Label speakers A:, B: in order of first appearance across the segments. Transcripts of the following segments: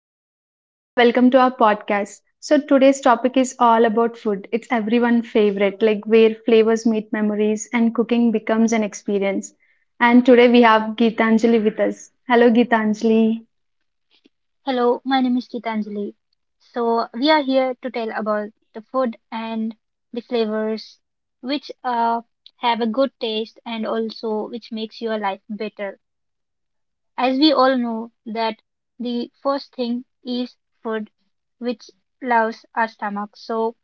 A: This is Sirisha. Welcome to our podcast. So, today's topic is all about food. It's everyone's favorite, like where flavors meet memories and cooking becomes an experience. And today we have Geetanjali with us. Hello, Geetanjali.
B: Hello, my name is Gitanjali. So, we are here to tell about the food and the flavors which have a good taste and also which makes your life better. As we all know that the first thing is food which loves our stomach. So,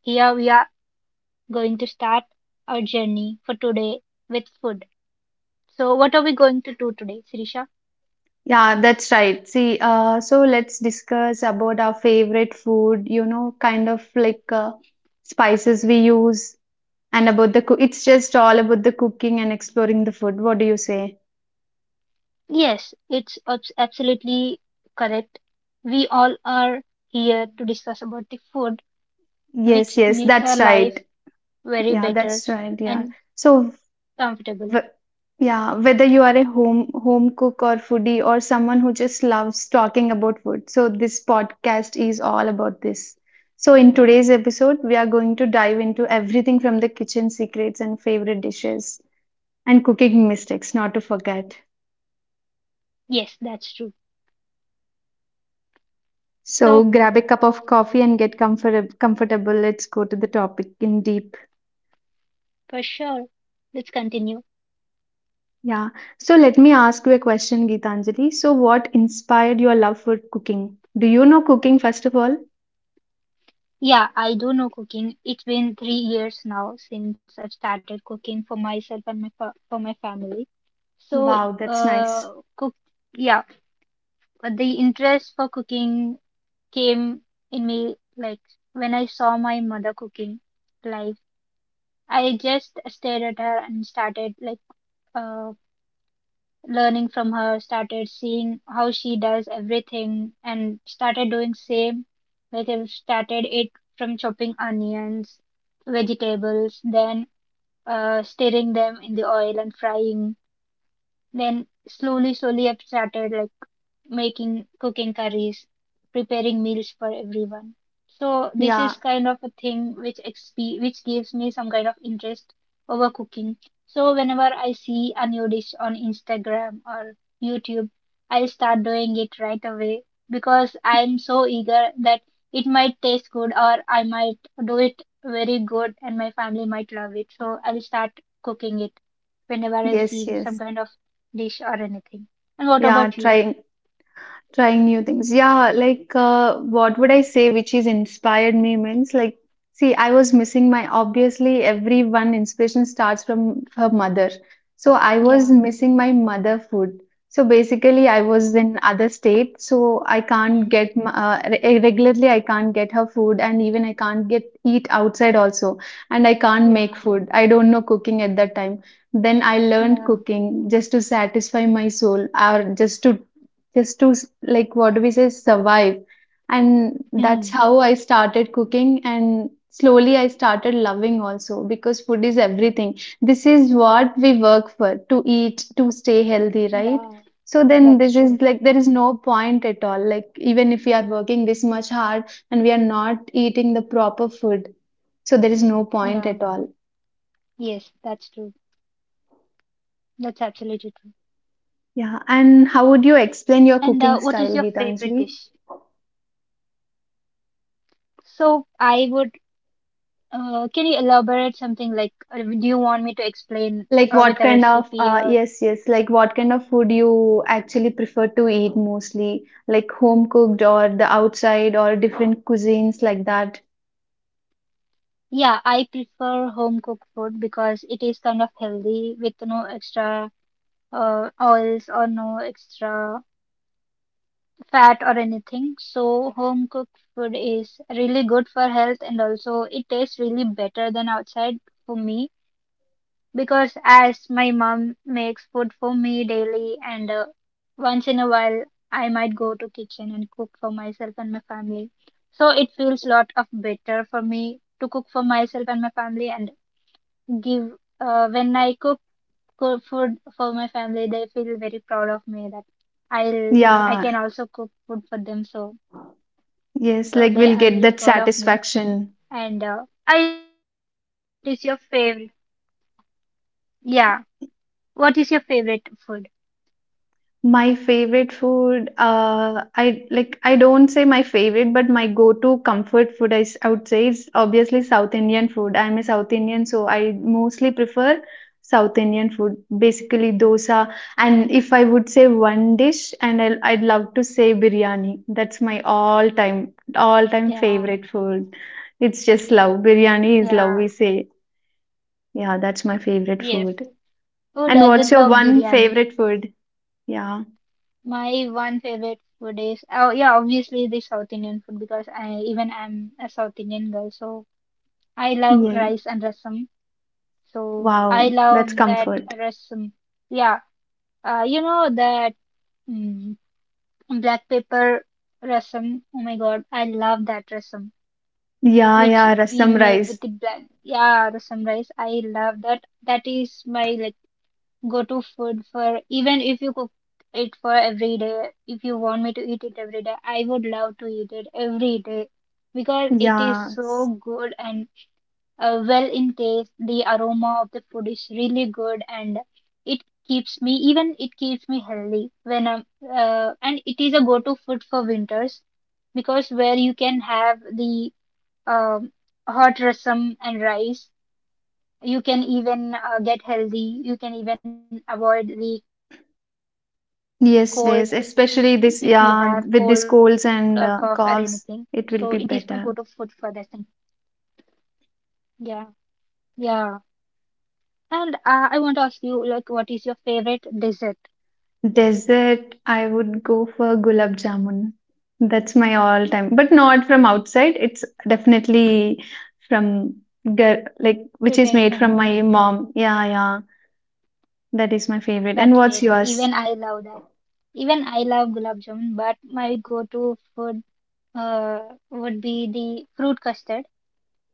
B: here we are going to start our journey for today with food. So, what are we going to do today, Sirisha?
A: Yeah, that's right. See, so let's discuss about our favorite food, kind of like spices we use and about the cook. It's just all about the cooking and exploring the food. What do you say?
B: Yes, it's absolutely correct. We all are here to discuss about the food
A: Yes,
B: which
A: yes,
B: makes our
A: that's
B: life
A: right.
B: very
A: Yeah,
B: better
A: that's right. Yeah.
B: and
A: So,
B: comfortable.
A: w- yeah, whether you are a home cook or foodie or someone who just loves talking about food, so this podcast is all about this. So, in today's episode, we are going to dive into everything from the kitchen secrets and favorite dishes and cooking mistakes, not to forget.
B: Yes, that's true.
A: So,
B: So,
A: grab a cup of coffee and get comfortable. Let's go to the topic in deep.
B: for sure, let's continue.
A: Yeah. So let me ask you a question, Geetanjali. So what inspired your love for cooking? Do you know cooking first of all?
B: Yeah, I do know cooking. It's been 3 years now since I've started cooking for myself and for my family. So,
A: Wow, that's
B: uh,
A: nice.
B: cook, yeah, the interest for cooking came in me like when I saw my mother cooking. Like I just stared at her and started like uh, learning from her, started seeing how she does everything, and started doing same. Like I started it from chopping onions, vegetables, then stirring them in the oil and frying. Then slowly, slowly, I've started like making cooking curries, preparing meals for everyone. So this
A: Yeah.
B: is kind of a thing which which gives me some kind of interest over cooking. So whenever I see a new dish on Instagram or YouTube, I'll start doing it right away because I'm so eager that it might taste good or I might do it very good and my family might love it. So I'll start cooking it whenever I
A: Yes,
B: see some
A: yes.
B: kind of dish or anything. And what
A: Yeah,
B: about you?
A: trying Trying new things. Yeah, like what would I say which is inspired me means like see I was missing my obviously everyone inspiration starts from her mother. So I was
B: Yeah.
A: missing my mother food. So basically I was in other state, so I can't
B: Mm,
A: get regularly, I can't get her food, and even I can't get eat outside also, and I can't make
B: yeah,
A: food. I don't know cooking at that time. Then I learned
B: yeah,
A: cooking just to satisfy my soul, or just to just to s- like what do we say, survive. And that's
B: mm,
A: how I started cooking, and slowly I started loving also because food is everything. This is what we work for, to eat, to stay healthy, right?
B: yeah,
A: So then
B: that's
A: this is
B: true.
A: like there is no point at all, like even if we are working this much hard and we are not eating the proper food, so there is no point at
B: Yeah,
A: all.
B: yes, that's true. That's absolutely true.
A: Yeah,
B: And what
A: and
B: is your
A: how would you
B: favorite
A: explain
B: dish?
A: your cooking style, Gitanjali?
B: So I would, can you elaborate something like, do you want me to explain with a
A: Like what kind
B: recipe
A: of
B: or?
A: yes, yes, like what kind of food you actually prefer to eat mostly? Like home cooked or the outside or different cuisines like that?
B: Yeah, I prefer home cooked food because it is kind of healthy with no extra oils or no extra fat or anything. So home cooked food is really good for health and also it tastes really better than outside for me because as my mom makes food for me daily and once in a while I might go to kitchen and cook for myself and my family. So it feels lot of better for me to cook for myself and my family and give when I cook food for my family they feel very proud of me that I
A: Yeah,
B: can also cook food for them so
A: yes,
B: so
A: like
B: they
A: we'll
B: are
A: get
B: very
A: that
B: proud of me.
A: satisfaction.
B: And I wanted to ask you, what is your favorite? Yeah. What is your favorite food?
A: My favorite food, I like I don't say my favorite, but my go-to comfort food, I would say, is obviously South Indian food. I'm a South Indian, so I mostly prefer South Indian food, basically dosa. And if I would say one dish, and I'd love to say biryani. That's my all-time, all-time
B: Yeah.
A: favorite food. It's just love. Biryani is love,
B: Yeah.
A: we say. Yeah, that's my favorite
B: Yes.
A: food.
B: Who
A: And what's
B: doesn't
A: your
B: love
A: one
B: biryani?
A: favorite food? Yeah.
B: My one favorite food is oh yeah, obviously the South Indian food because I even I'm a South Indian girl, so I love
A: Yes.
B: rice and rasam. So I
A: Wow,
B: love
A: that's
B: that
A: comfort.
B: rasam. Yeah. You know that mm, black pepper rasam. Oh my God, I love that rasam,
A: Yeah,
B: which
A: yeah,
B: we
A: rasam
B: make
A: rice.
B: with the blend. Yeah, the sunrise. I love that. That is my like go-to food for even if you cook it for every day. If you want me to eat it every day, I would love to eat it every day because it is
A: Yeah.
B: so good and well in taste. The aroma of the food is really good and it keeps me even it keeps me healthy when I'm and it is a go-to food for winters because where you can have the um, hot rasam and rice. You can even get healthy. You can even avoid the cold if you have
A: Yes,
B: cold or
A: yes.
B: cough or
A: Especially this,
B: anything.
A: yeah,
B: So it
A: with
B: is
A: these
B: my go-to
A: colds
B: food
A: and
B: for that thing.
A: coughs, it will be better.
B: Yeah, yeah. And I want to ask you, like, what is your favorite dessert
A: Dessert, I would go for gulab jamun. That's my all-time, but not from outside. It's definitely from gar like which
B: prepared
A: is made from
B: from
A: my mom. Yeah, yeah. That is my favorite.
B: that
A: And what's
B: state? Even
A: yours?
B: I love that. Even I love gulab jamun, but my go-to food uh, would be the fruit custard,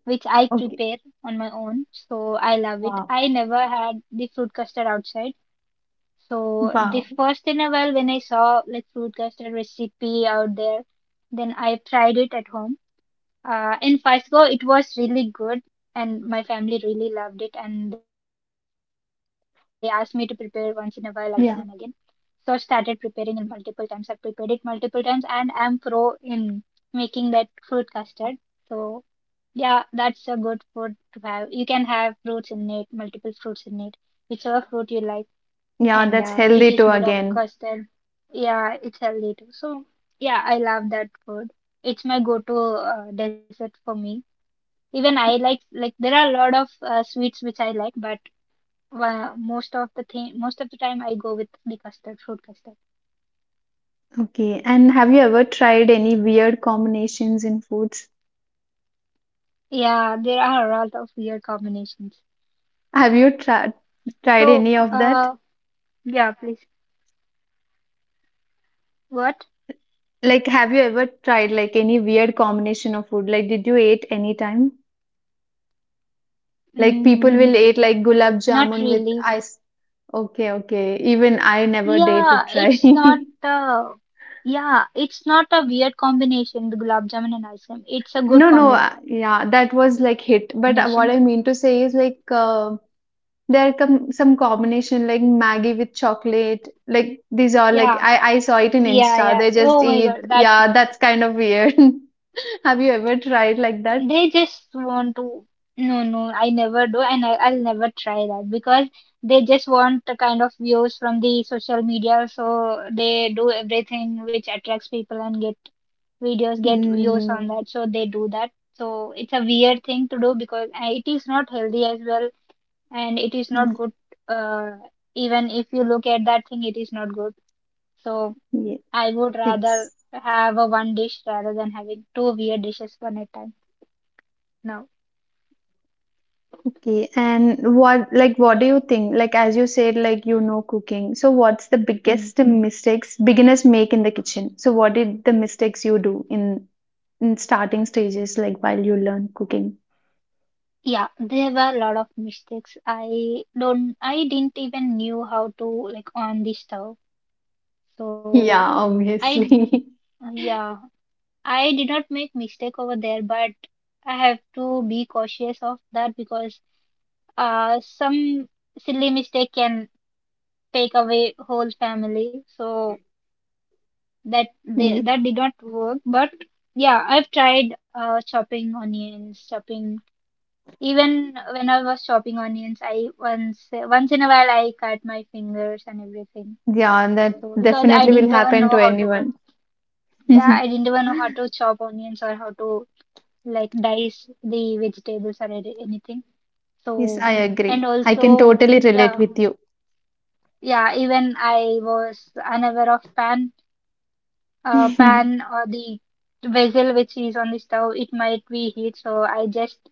B: which I
A: Okay.
B: prepare on my own. So I love it.
A: Wow.
B: I never had the fruit custard outside. So the
A: Wow.
B: first in a while when I saw like fruit custard recipe out there, then I tried it at home. In first go, it was really good, and my family really loved it, and they asked me to prepare once in a while again and again. So I started
A: Yeah.
B: preparing it multiple times. I've prepared it multiple times, and I'm pro in making that fruit custard. So yeah, that's a good food to have. You can have fruits in it, multiple fruits in it, whichever fruit you like,
A: Yeah,
B: and
A: that's healthy
B: it
A: too
B: is made of
A: again.
B: custard. Yeah, it's healthy too. So yeah, I love that food. It's my go-to dessert for me. Even I like there are a lot of sweets which I like, but most of the time I go with the custard, fruit custard.
A: Okay, and have you ever tried any weird combinations in foods?
B: Yeah, there are a lot of weird combinations.
A: Have you tried
B: So
A: any of that?
B: yeah, please. What?
A: Like, have you ever tried like any weird combination of food? Like, did you eat any time? Like, people
B: Mm.
A: will eat like gulab
B: Not
A: jamun with
B: really.
A: ice. Okay, okay. Even I never dare to
B: Yeah,
A: try.
B: it's not uh yeah, it's not a weird combination, the gulab jamun and ice cream. It's a good
A: No, no.
B: combination.
A: Yeah, that was like hit. But what I mean to say is like there come some combination like Maggie with chocolate. Like these are
B: Yeah,
A: like I saw it in
B: yeah,
A: Insta.
B: yeah.
A: They just
B: Oh my God,
A: eat.
B: that's
A: Yeah,
B: gross.
A: that's kind of weird. Have you ever tried like that?
B: They just want to. No, no, I never do, and I'll never try that because they just want the kind of views from the social media, so they do everything which attracts people and get videos, get views
A: Mm,
B: on that, so they do that. So it's a weird thing to do because it is not healthy as well and it is not good, uh, even if you look at that thing it is not good, so
A: yeah,
B: I would
A: eggs.
B: rather have a one dish rather than having two weird dishes one at a time now.
A: Okay. And what do you think? Like as you said, like you know cooking. So what's the
B: Mm.
A: biggest mistakes beginners make in the kitchen? So what did the mistakes you do in starting stages, like while you learn cooking?
B: Yeah, there were a lot of mistakes. I didn't even knew how to like on the stove. So
A: Yeah,
B: I
A: obviously.
B: yeah, I did not make mistake over there but I have to be cautious of that because some silly mistake can take away whole family. So that they, that did not work. But yeah, I've tried chopping onions, chopping. Even when I was chopping onions, I once in a while I cut my fingers and everything.
A: Yeah, that
B: So because I
A: definitely will
B: didn't even
A: happen to
B: know how to cut.
A: anyone.
B: Yeah, I didn't even know how to chop onions or how to like dice the vegetables or anything.
A: Yes,
B: So
A: I
B: and
A: agree. I can
B: also
A: totally relate
B: yeah.
A: with you.
B: Yeah, even I was unaware of pan or the vessel which is on the stove, it might be heat. So I just,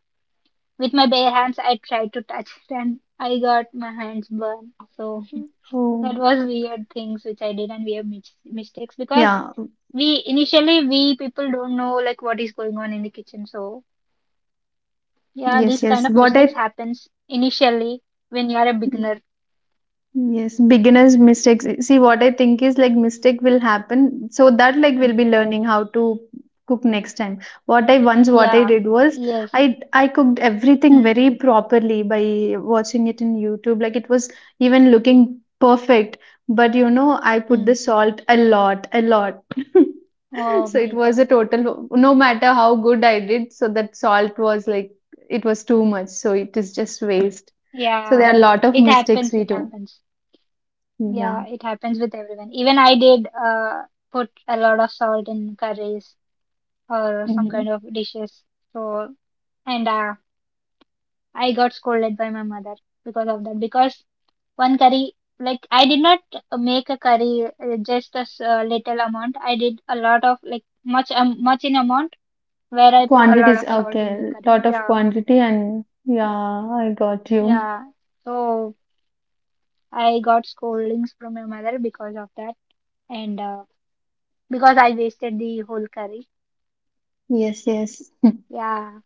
B: with my bare hands, I tried to touch it and I got my hands burned. So that
A: Oh,
B: was weird things which I did and weird mistakes because
A: yeah.
B: we initially we people don't know like what is going on in the kitchen. So yeah,
A: Yes,
B: these kind
A: yes.
B: of
A: What
B: mistakes
A: I
B: happens initially when you are a beginner.
A: Yes, beginners mistakes. See, what I think is like mistake will happen, so that like we'll
B: Hmm.
A: be learning how to cook next time. What I
B: Yeah.
A: did was
B: Yes.
A: I cooked everything
B: Hmm.
A: very properly by watching it in YouTube. Like it was even looking perfect, but I put the
B: Hmm.
A: salt a lot, a lot.
B: Oh
A: So it
B: my
A: was a
B: God.
A: total, no matter how good I did, so that salt was like it was too much. So it is just waste. So there
B: Yeah.
A: are a lot of
B: It
A: mistakes
B: happens.
A: we
B: It
A: do.
B: happens.
A: Yeah.
B: Yeah, it happens with everyone. Even I did put a lot of salt in curries or some
A: Mhm.
B: kind of dishes. So, and I got scolded by my mother because of that. Because one curry, like I did not make a curry little amount. I did a lot of like much in amount where I put a lot
A: Quantities.
B: of salt in that
A: Okay.
B: curry.
A: Lot of
B: Yeah,
A: quantity and yeah, I got you.
B: yeah. So I got scoldings from my mother because of that, and because I wasted the whole curry.
A: Yes, yes.
B: Yeah,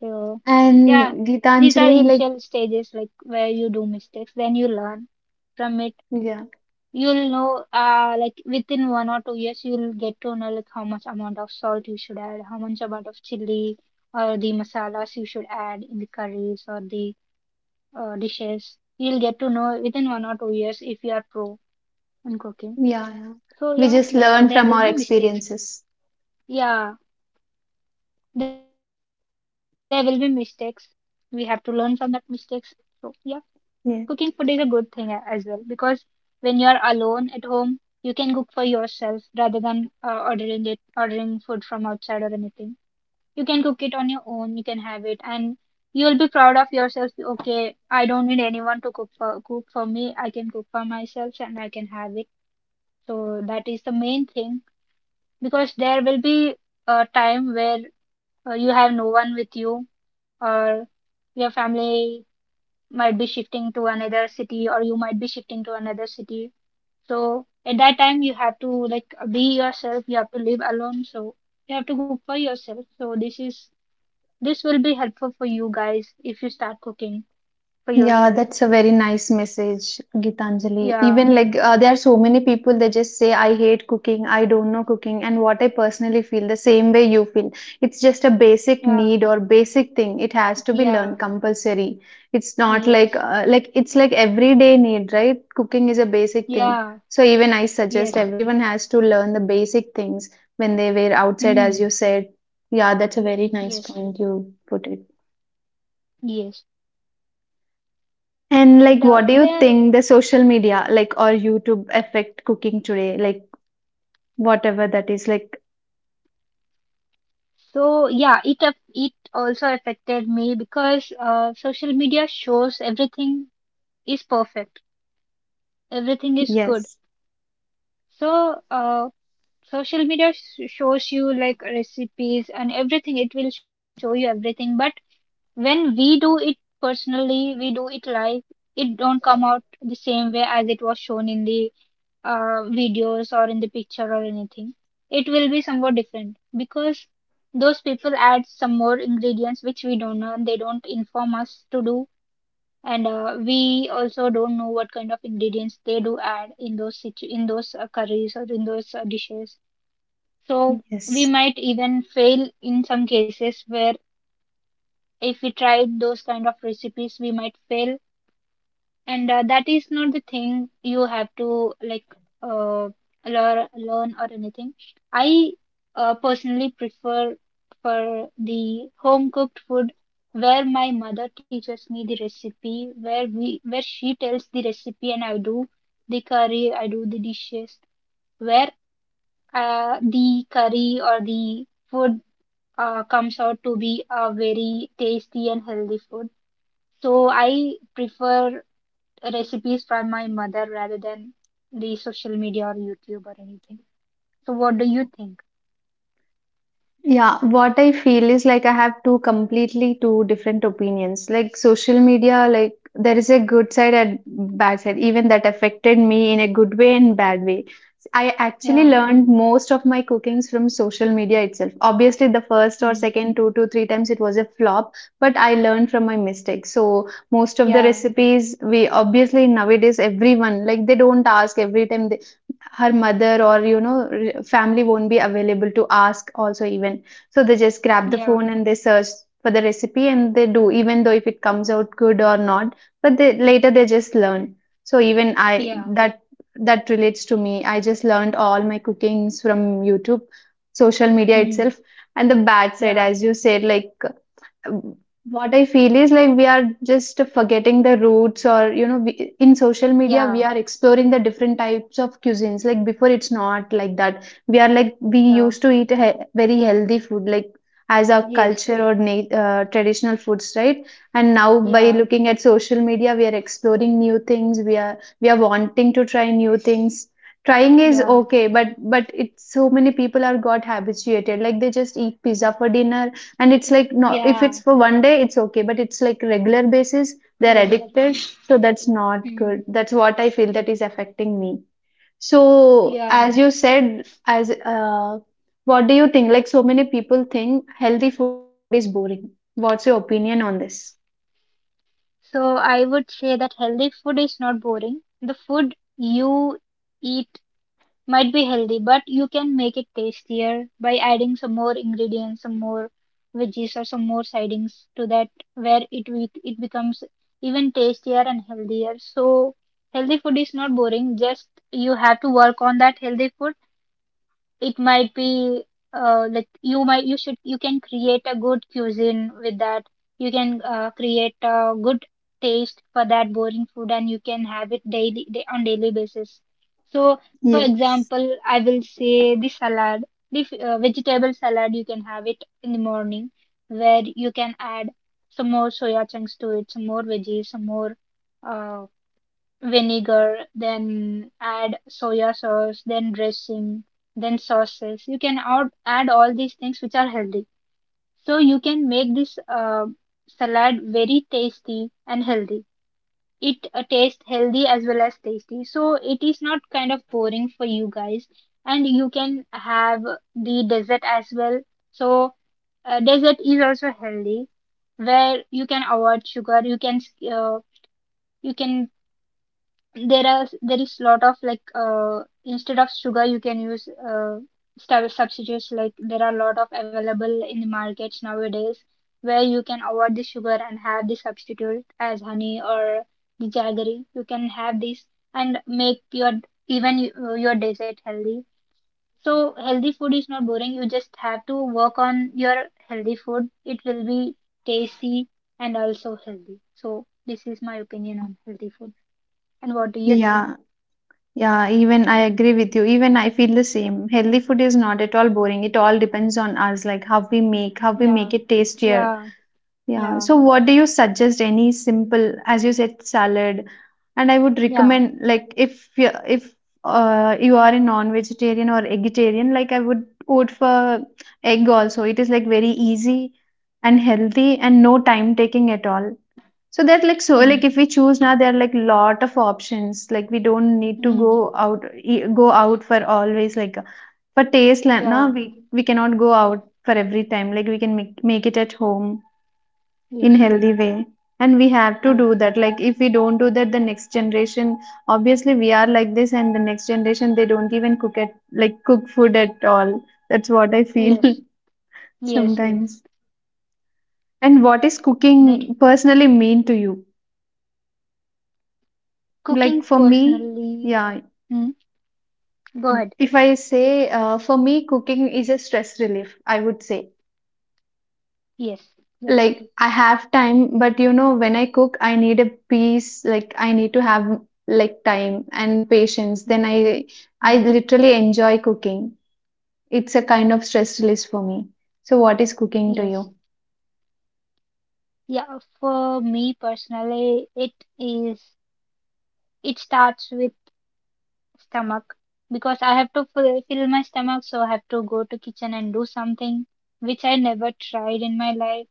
B: so yeah,
A: And
B: these are
A: Gitanjali, like,
B: initial stages like where you do mistakes, then you learn from it.
A: yeah,
B: You'll know, like within 1 or 2 years, you'll get to know like how much amount of salt you should add, how much amount of chili or the masalas you should add in the curries or the dishes. You'll get to know within 1 or 2 years if you are pro in cooking.
A: yeah, yeah.
B: So
A: We
B: yeah,
A: just learn
B: there
A: from
B: will
A: our
B: be mistakes.
A: experiences.
B: Yeah, there will be mistakes. We have to learn from that mistakes. So yeah. Cooking food is a
A: Yeah.
B: good thing as well because when you are alone at home, you can cook for yourself rather than ordering food from outside or anything. You can cook it on your own. You can have it, and you'll be proud of yourself. Okay, I don't need anyone to cook for me. I can cook for myself, and I can have it. So that is the main thing because there will be a time where you have no one with you or your family might be shifting to another city or you might be shifting to another city. So at that time you have to like be yourself, you have to live alone, so you have to cook for yourself. So this is this will be helpful for you guys if you start cooking for
A: Yeah,
B: yourself.
A: that's a very nice message, Gitanjali. Even
B: Yeah,
A: like there are so many people, they just say, I hate cooking, I don't know cooking, and what I personally feel the same way you feel. It's just a basic
B: yeah,
A: need or basic thing. It has to be learned
B: yeah,
A: compulsory. It's not like
B: yes,
A: like it's like everyday need, right? Cooking is a basic thing.
B: yeah,
A: So even I suggest
B: yes,
A: everyone has to learn the basic things when they were outside, as
B: mm,
A: you said. Yeah, that's a very nice
B: yes,
A: point you put it.
B: yes.
A: And
B: And
A: like,
B: uh,
A: what do you
B: there,
A: think the social media, like, or YouTube affect cooking today? Like, whatever that is, like,
B: it also affected me because social media shows everything is perfect. Everything is good.
A: yes,
B: So, uh, social media shows you like recipes and everything. It will show you everything. But when we do it personally, we do it live. It don't come out the same way as it was shown in the videos or in the picture or anything. It will be somewhat different because those people add some more ingredients which we don't know and they don't inform us to do and we also don't know what kind of ingredients they do add in in those curries or in those dishes, so we
A: yes.
B: might even fail in some cases where if we tried those kind of recipes we might fail, and that is not the thing you have to like uh, learn or anything. I personally prefer for the home cooked food where my mother teaches me the recipe, where we where she tells the recipe and I do the curry, I do the dishes, where the curry or the food comes out to be a very tasty and healthy food. So I prefer recipes from my mother rather than the social media or YouTube or anything. So what do you think?
A: Yeah, what I feel is like I have two different opinions. Like social media, like there is a good side and bad side, even that affected me in a good way and bad way. I actually
B: Yeah.
A: learned most of my cookings from social media itself. Obviously, the first or
B: Mm.
A: second two to three times it was a flop, but I learned from my mistakes. So most of the
B: Yeah.
A: recipes we obviously nowadays everyone like they don't ask every time they her mother or family won't be available to ask also even, so they just grab the
B: Yeah.
A: phone and they search for the recipe and they do even though if it comes out good or not. But they, later they just learn. So even I,
B: Yeah.
A: that relates to me, I just learned all my cookings from YouTube, social media
B: Mm.
A: itself. And the bad side,
B: Yeah.
A: as you said, like what I feel is like we are just forgetting the roots or in social media we
B: Yeah.
A: are exploring the different types of cuisines, like before it's not like that we are like we
B: Yeah.
A: used to eat very healthy food like as our
B: Yes.
A: culture or traditional foods, right? And now by
B: Yeah.
A: looking at social media we are exploring new things. We are wanting to try new things. Trying is
B: Yeah.
A: okay, but it's so many people are got habituated, like they just eat pizza for dinner, and it's like, no, if it's
B: Yeah.
A: for one day, it's okay. But it's like regular basis, they're
B: Regular.
A: addicted. So that's not good.
B: Mm.
A: That's what I feel that is affecting me. So,
B: Yeah.
A: as you said, as what do you think? Like, so many people think healthy food is boring. What's your opinion on this?
B: So I would say that healthy food is not boring. The food you eat might be healthy, but you can make it tastier by adding some more ingredients, some more veggies or some more sidings to that where it becomes even tastier and healthier. So healthy food is not boring, just you have to work on that healthy food. It might be like you might you should you can create a good cuisine with that. You can create a good taste for that boring food, and you can have it daily day, on daily basis. So, for
A: Yes.
B: example, I will say the salad, vegetable salad. You can have it in the morning, where you can add some more soya chunks to it, some more veggies, some more. Uh, Vinegar, then add soya sauce, then dressing, then sauces. You can add all these things which are healthy. So you can make this salad very tasty and healthy. It tastes healthy as well as tasty. So it is not kind of boring for you guys. And you can have the dessert as well. So dessert is also healthy, where you can avoid sugar. Uh, you can There is lot of like instead of sugar you can use substitutes, like there are a lot of available in the markets nowadays where you can avoid the sugar and have the substitute as honey or the jaggery. You can have this and make your even your dessert healthy. So healthy food is not boring, you just have to work on your healthy food. It will be tasty and also healthy. So this is my opinion on healthy food, and what do you think?
A: Yeah. Yeah. Even I agree with you. Even I feel the same. Healthy food is not at all boring. It all depends on us, like how we make
B: Yeah,
A: it tastier.
B: yeah,
A: Yeah.
B: yeah,
A: So, what do you suggest? Any simple, as you said, salad, and I would
B: yeah.
A: recommend like if you are a non-vegetarian or vegetarian, like I would opt for egg also. It is like very easy and healthy and no time taking at all. So that, like,
B: Mm,
A: if we choose now, there are like lot of options. Like we don't need to
B: mm,
A: go out for always, like for taste. Now
B: yeah,
A: we cannot go out for every time. Like we can make it at home in
B: yes,
A: healthy way, and we have to do
B: yes,
A: that, like if we don't do that, the next generation, obviously we are like this and the next generation they don't even cook food at all. That's what I feel.
B: yes, yes, yes.
A: Sometimes. And what is
B: That
A: cooking personally mean to you?
B: cooking
A: Like for me,
B: personally.
A: yeah,
B: Mm, go ahead.
A: if I say for me cooking is a stress relief, I would say.
B: Yes, that's
A: Like
B: true.
A: I have time, but when I cook, I need a peace. Like I need to have like time and patience. Then
B: Mm,
A: I
B: mm,
A: literally enjoy cooking. It's a kind of stress release for me. So what is cooking to
B: yes,
A: you?
B: yeah. For me personally, it is. It starts with stomach because I have to fill my stomach, so I have to go to kitchen and do something which I never tried in my life.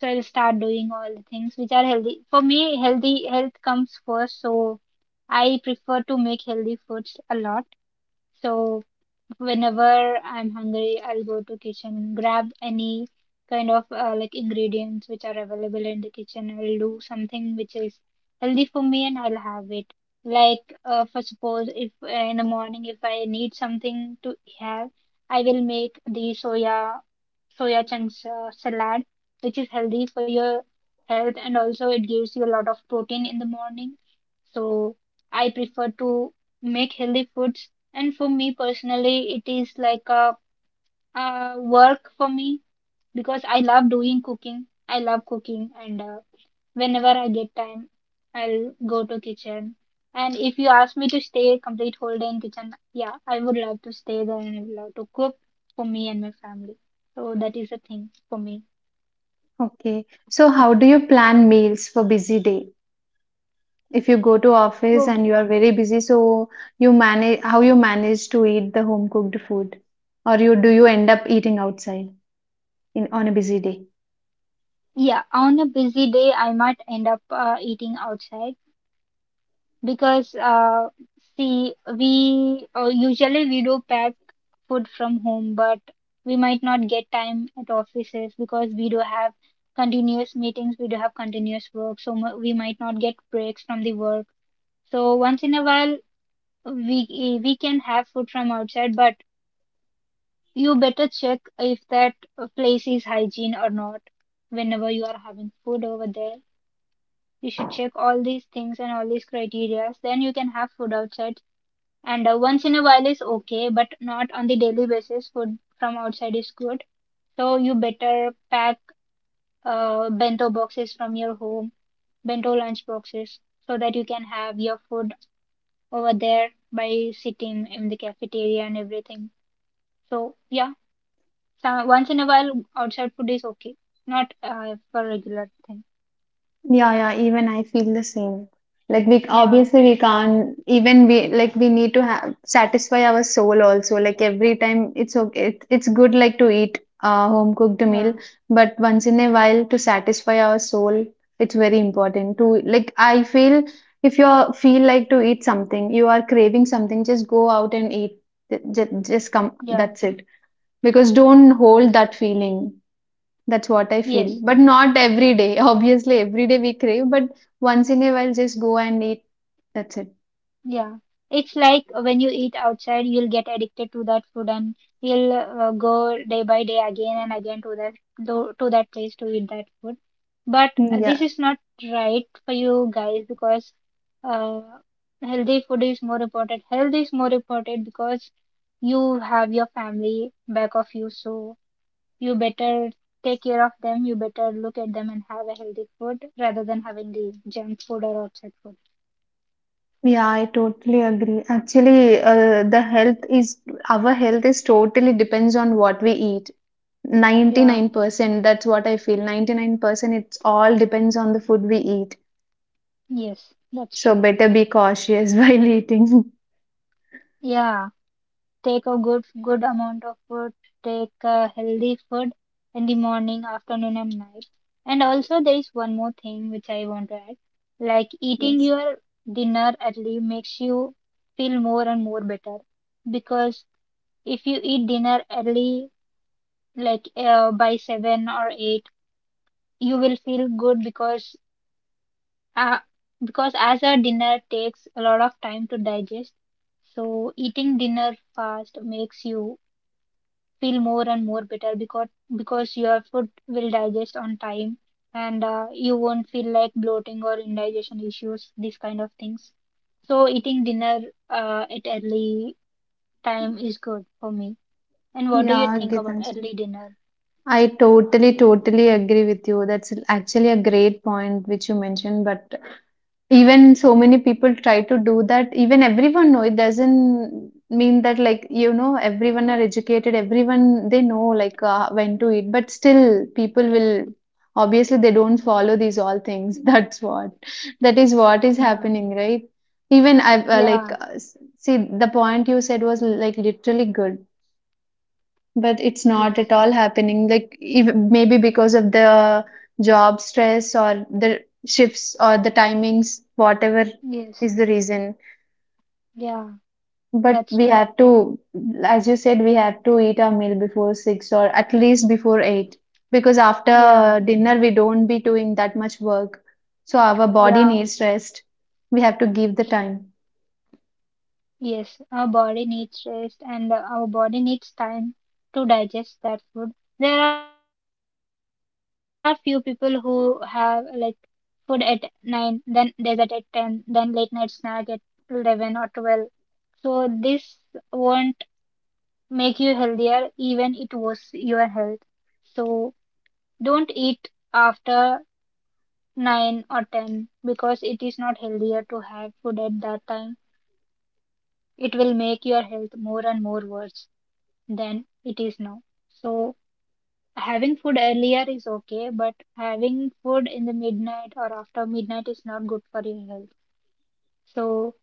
B: So I'll start doing all the things which are healthy. For me, healthy health comes first, so I prefer to make healthy foods a lot. So whenever I'm hungry, I'll go to kitchen, grab any kind of like ingredients which are available in the kitchen. I'll do something which is healthy for me and I'll have it. Like for suppose if in the morning if I need something to have, I will make the soya chunks salad, which is healthy for your health and also it gives you a lot of protein in the morning. So I prefer to make healthy foods. And for me personally, it is like a work for me because I love doing cooking. I love cooking, and whenever I get time, I'll go to kitchen. And if you ask me to stay complete whole day in kitchen, yeah, I would love to stay there and I would love to cook for me and my family. So that is the thing for me.
A: Okay. So how do you plan meals for busy day? If you go to office
B: So
A: and you are very busy, so you manage how you manage to eat the home cooked food, or you do you end up eating outside in on a busy day?
B: yeah, on a busy day, I might end up eating outside. Because see, we usually we do pack food from home, but we might not get time at offices because we do have continuous meetings, we do have continuous work, so we might not get breaks from the work. So once in a while, we can have food from outside, but you better check if that place is hygiene or not. Whenever you are having food over there, you should check all these things and all these criteria. Then you can have food outside, and once in a while is okay but not on the daily basis food from outside is good. So you better pack bento boxes from your home, bento lunch boxes, so that you can have your food over there by sitting in the cafeteria and everything. So yeah, so once in a while outside food is okay, not for regular thing.
A: Yeah, yeah, even I feel the same. Like we
B: Yeah,
A: obviously we can't even we need to have satisfy our soul also. Like every time it's okay it's good like to eat a home cooked meal,
B: yeah,
A: but once in a while to satisfy our soul, it's very important to, like, I feel if you feel like to eat something, you are craving something, just go out and eat. Just come,
B: yeah,
A: that's it. Because don't hold
B: yes,
A: that feeling. That's what I feel.
B: yes.
A: But not every day. Obviously, every day we crave, but once in a while, just go and eat. That's it.
B: Yeah, it's like when you eat outside, you'll get addicted to that food and you'll go day by day again and again to that to that place to eat that food. But
A: Yeah,
B: this is not right for you guys because uh, healthy food is more important. Health is more important because you have your family back of you, so you better take care of them. You better look at them and have a healthy food rather than having the junk food or outside food.
A: yeah, I totally agree. Actually, the health is our health is totally depends on what we eat.
B: Yeah,
A: 99%, that's what I feel. 99% it's all depends on the food we eat.
B: yes, that's
A: So
B: true.
A: better be cautious while eating.
B: Yeah, take a good amount of food, take a healthy food in the morning, afternoon, and night. And also, there is one more thing which I want to add. Like eating
A: Yes.
B: your dinner early makes you feel more and more better, because if you eat dinner early, like by seven or eight, you will feel good uh, because as a dinner takes a lot of time to digest. So eating dinner fast makes you feel more and more bitter because your food will digest on time, and you won't feel like bloating or indigestion issues, these kind of things. So eating dinner at early time is good for me. And what do you
A: Yeah,
B: think about
A: Gitanjali.
B: early dinner?
A: I totally agree with you. That's actually a great point which you mentioned, but even so many people try to do that. Even everyone know it doesn't mean that, like, you know everyone are educated. Everyone they know like when to eat, but still people
B: Yeah,
A: will obviously they don't follow these all things. That is what is
B: yeah,
A: happening, right? Even I like
B: yeah,
A: see the point you said was like literally good but it's not at
B: yes,
A: all happening. Like ev maybe because of the job stress or the shifts or the timings, whatever
B: yes,
A: is the reason.
B: yeah,
A: But
B: that's
A: we
B: true,
A: have to, as you said, we have to eat our meal before 6 or at least before 8 because
B: yeah,
A: after dinner we don't be doing that much work. So our body
B: yeah,
A: needs rest. We have to give the time.
B: yes. Our body needs rest, and our body needs time to digest that food. There are few people who have like food at 9, then dessert at 10, then late night snack at 11 or 12. So this won't make you healthier, even it was your health. So don't eat after 9 or 10 because it is not healthier to have food at that time. It will make your health more and more worse than it is now. So having food earlier is okay, but having food in the midnight or after midnight is not good for your health. So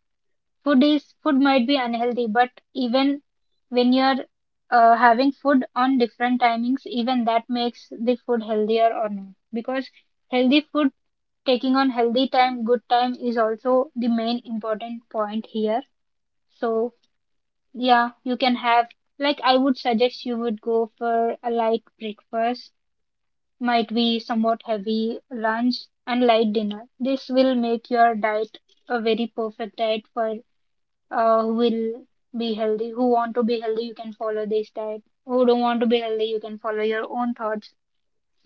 B: food might be unhealthy, but even when you're having food on different timings, even that makes the food healthier or not. Because healthy food, taking on healthy time, good time is also the main important point here. So yeah, you can have like I would suggest you would go for a light breakfast, might be somewhat heavy lunch and light dinner. This will make your diet a very perfect diet for who will be healthy, who want to be healthy, you can follow this diet. Who don't want to be healthy, you can follow your own thoughts.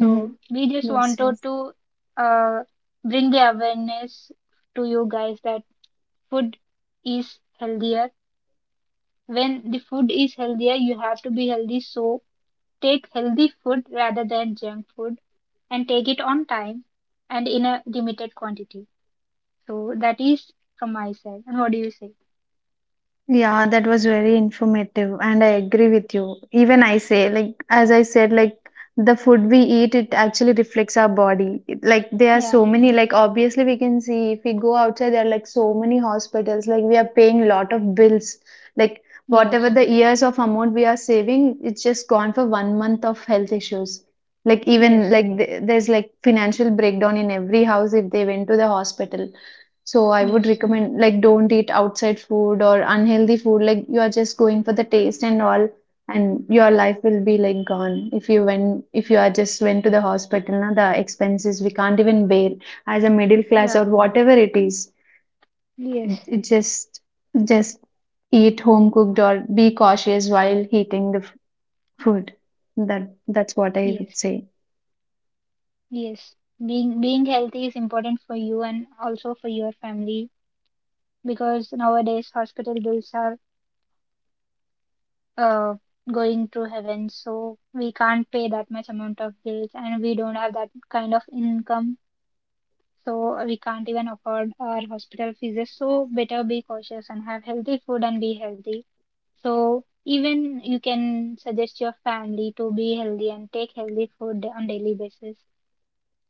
B: So we just
A: Yes,
B: wanted
A: yes.
B: to uh, bring the awareness to you guys that food is healthier. When the food is healthier, you have to be healthy. So take healthy food rather than junk food, and take it on time and in a limited quantity. So that is from my side. And what do you say?
A: Yeah, that was very informative, and I agree with you. Even I say, like, as I said, like, the food we eat, it actually reflects our body. It- Like, there are so
B: Yeah.
A: many, like, obviously, we can see if we go outside, there are like so many hospitals, like, we are paying lot of bills. Like, whatever
B: Yes.
A: the years of amount we are saving, it's just gone for one month of health issues. Like, even
B: Yes.
A: like, there's like financial breakdown in every house if they went to the hospital, so I would
B: Yes.
A: recommend, like, don't eat outside food or unhealthy food. Like you are just going for the taste and all, and your life will be like gone if you went if you are just went to the hospital. Now the expenses we can't even bear as a middle class or
B: Yeah,
A: whatever it is.
B: yes,
A: It just eat home cooked or be cautious while heating the food. That's what I
B: yes,
A: would say.
B: yes. Being healthy is important for you and also for your family, because nowadays hospital bills are uh going through heaven, so we can't pay that much amount of bills and we don't have that kind of income, so we can't even afford our hospital fees. So better be cautious and have healthy food and be healthy. So even you can suggest your family to be healthy and take healthy food on daily basis,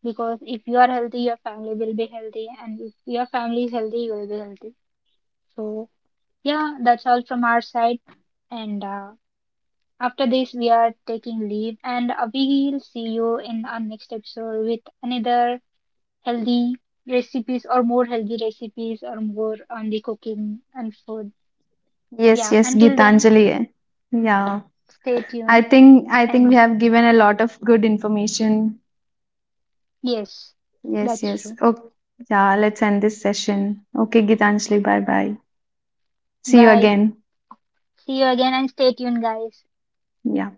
B: because if you are healthy, your family will be healthy, and if your family is healthy, you will be healthy. So, yeah, that's all from our side. And after this, we are taking leave, and we will see you in our next episode with another healthy recipes or more healthy recipes or more on the cooking and food.
A: Yes,
B: Yeah,
A: yes,
B: until then,
A: Gitanjali. Eh? Yeah.
B: stay tuned.
A: I think
B: And
A: we have given a lot of good information.
B: yes,
A: Yes,
B: that's
A: yes.
B: true.
A: Okay. Yeah, let's end this session. Okay, Gitanjali, bye bye. See you
B: Bye.
A: again.
B: See you again and stay tuned, guys.
A: Yeah.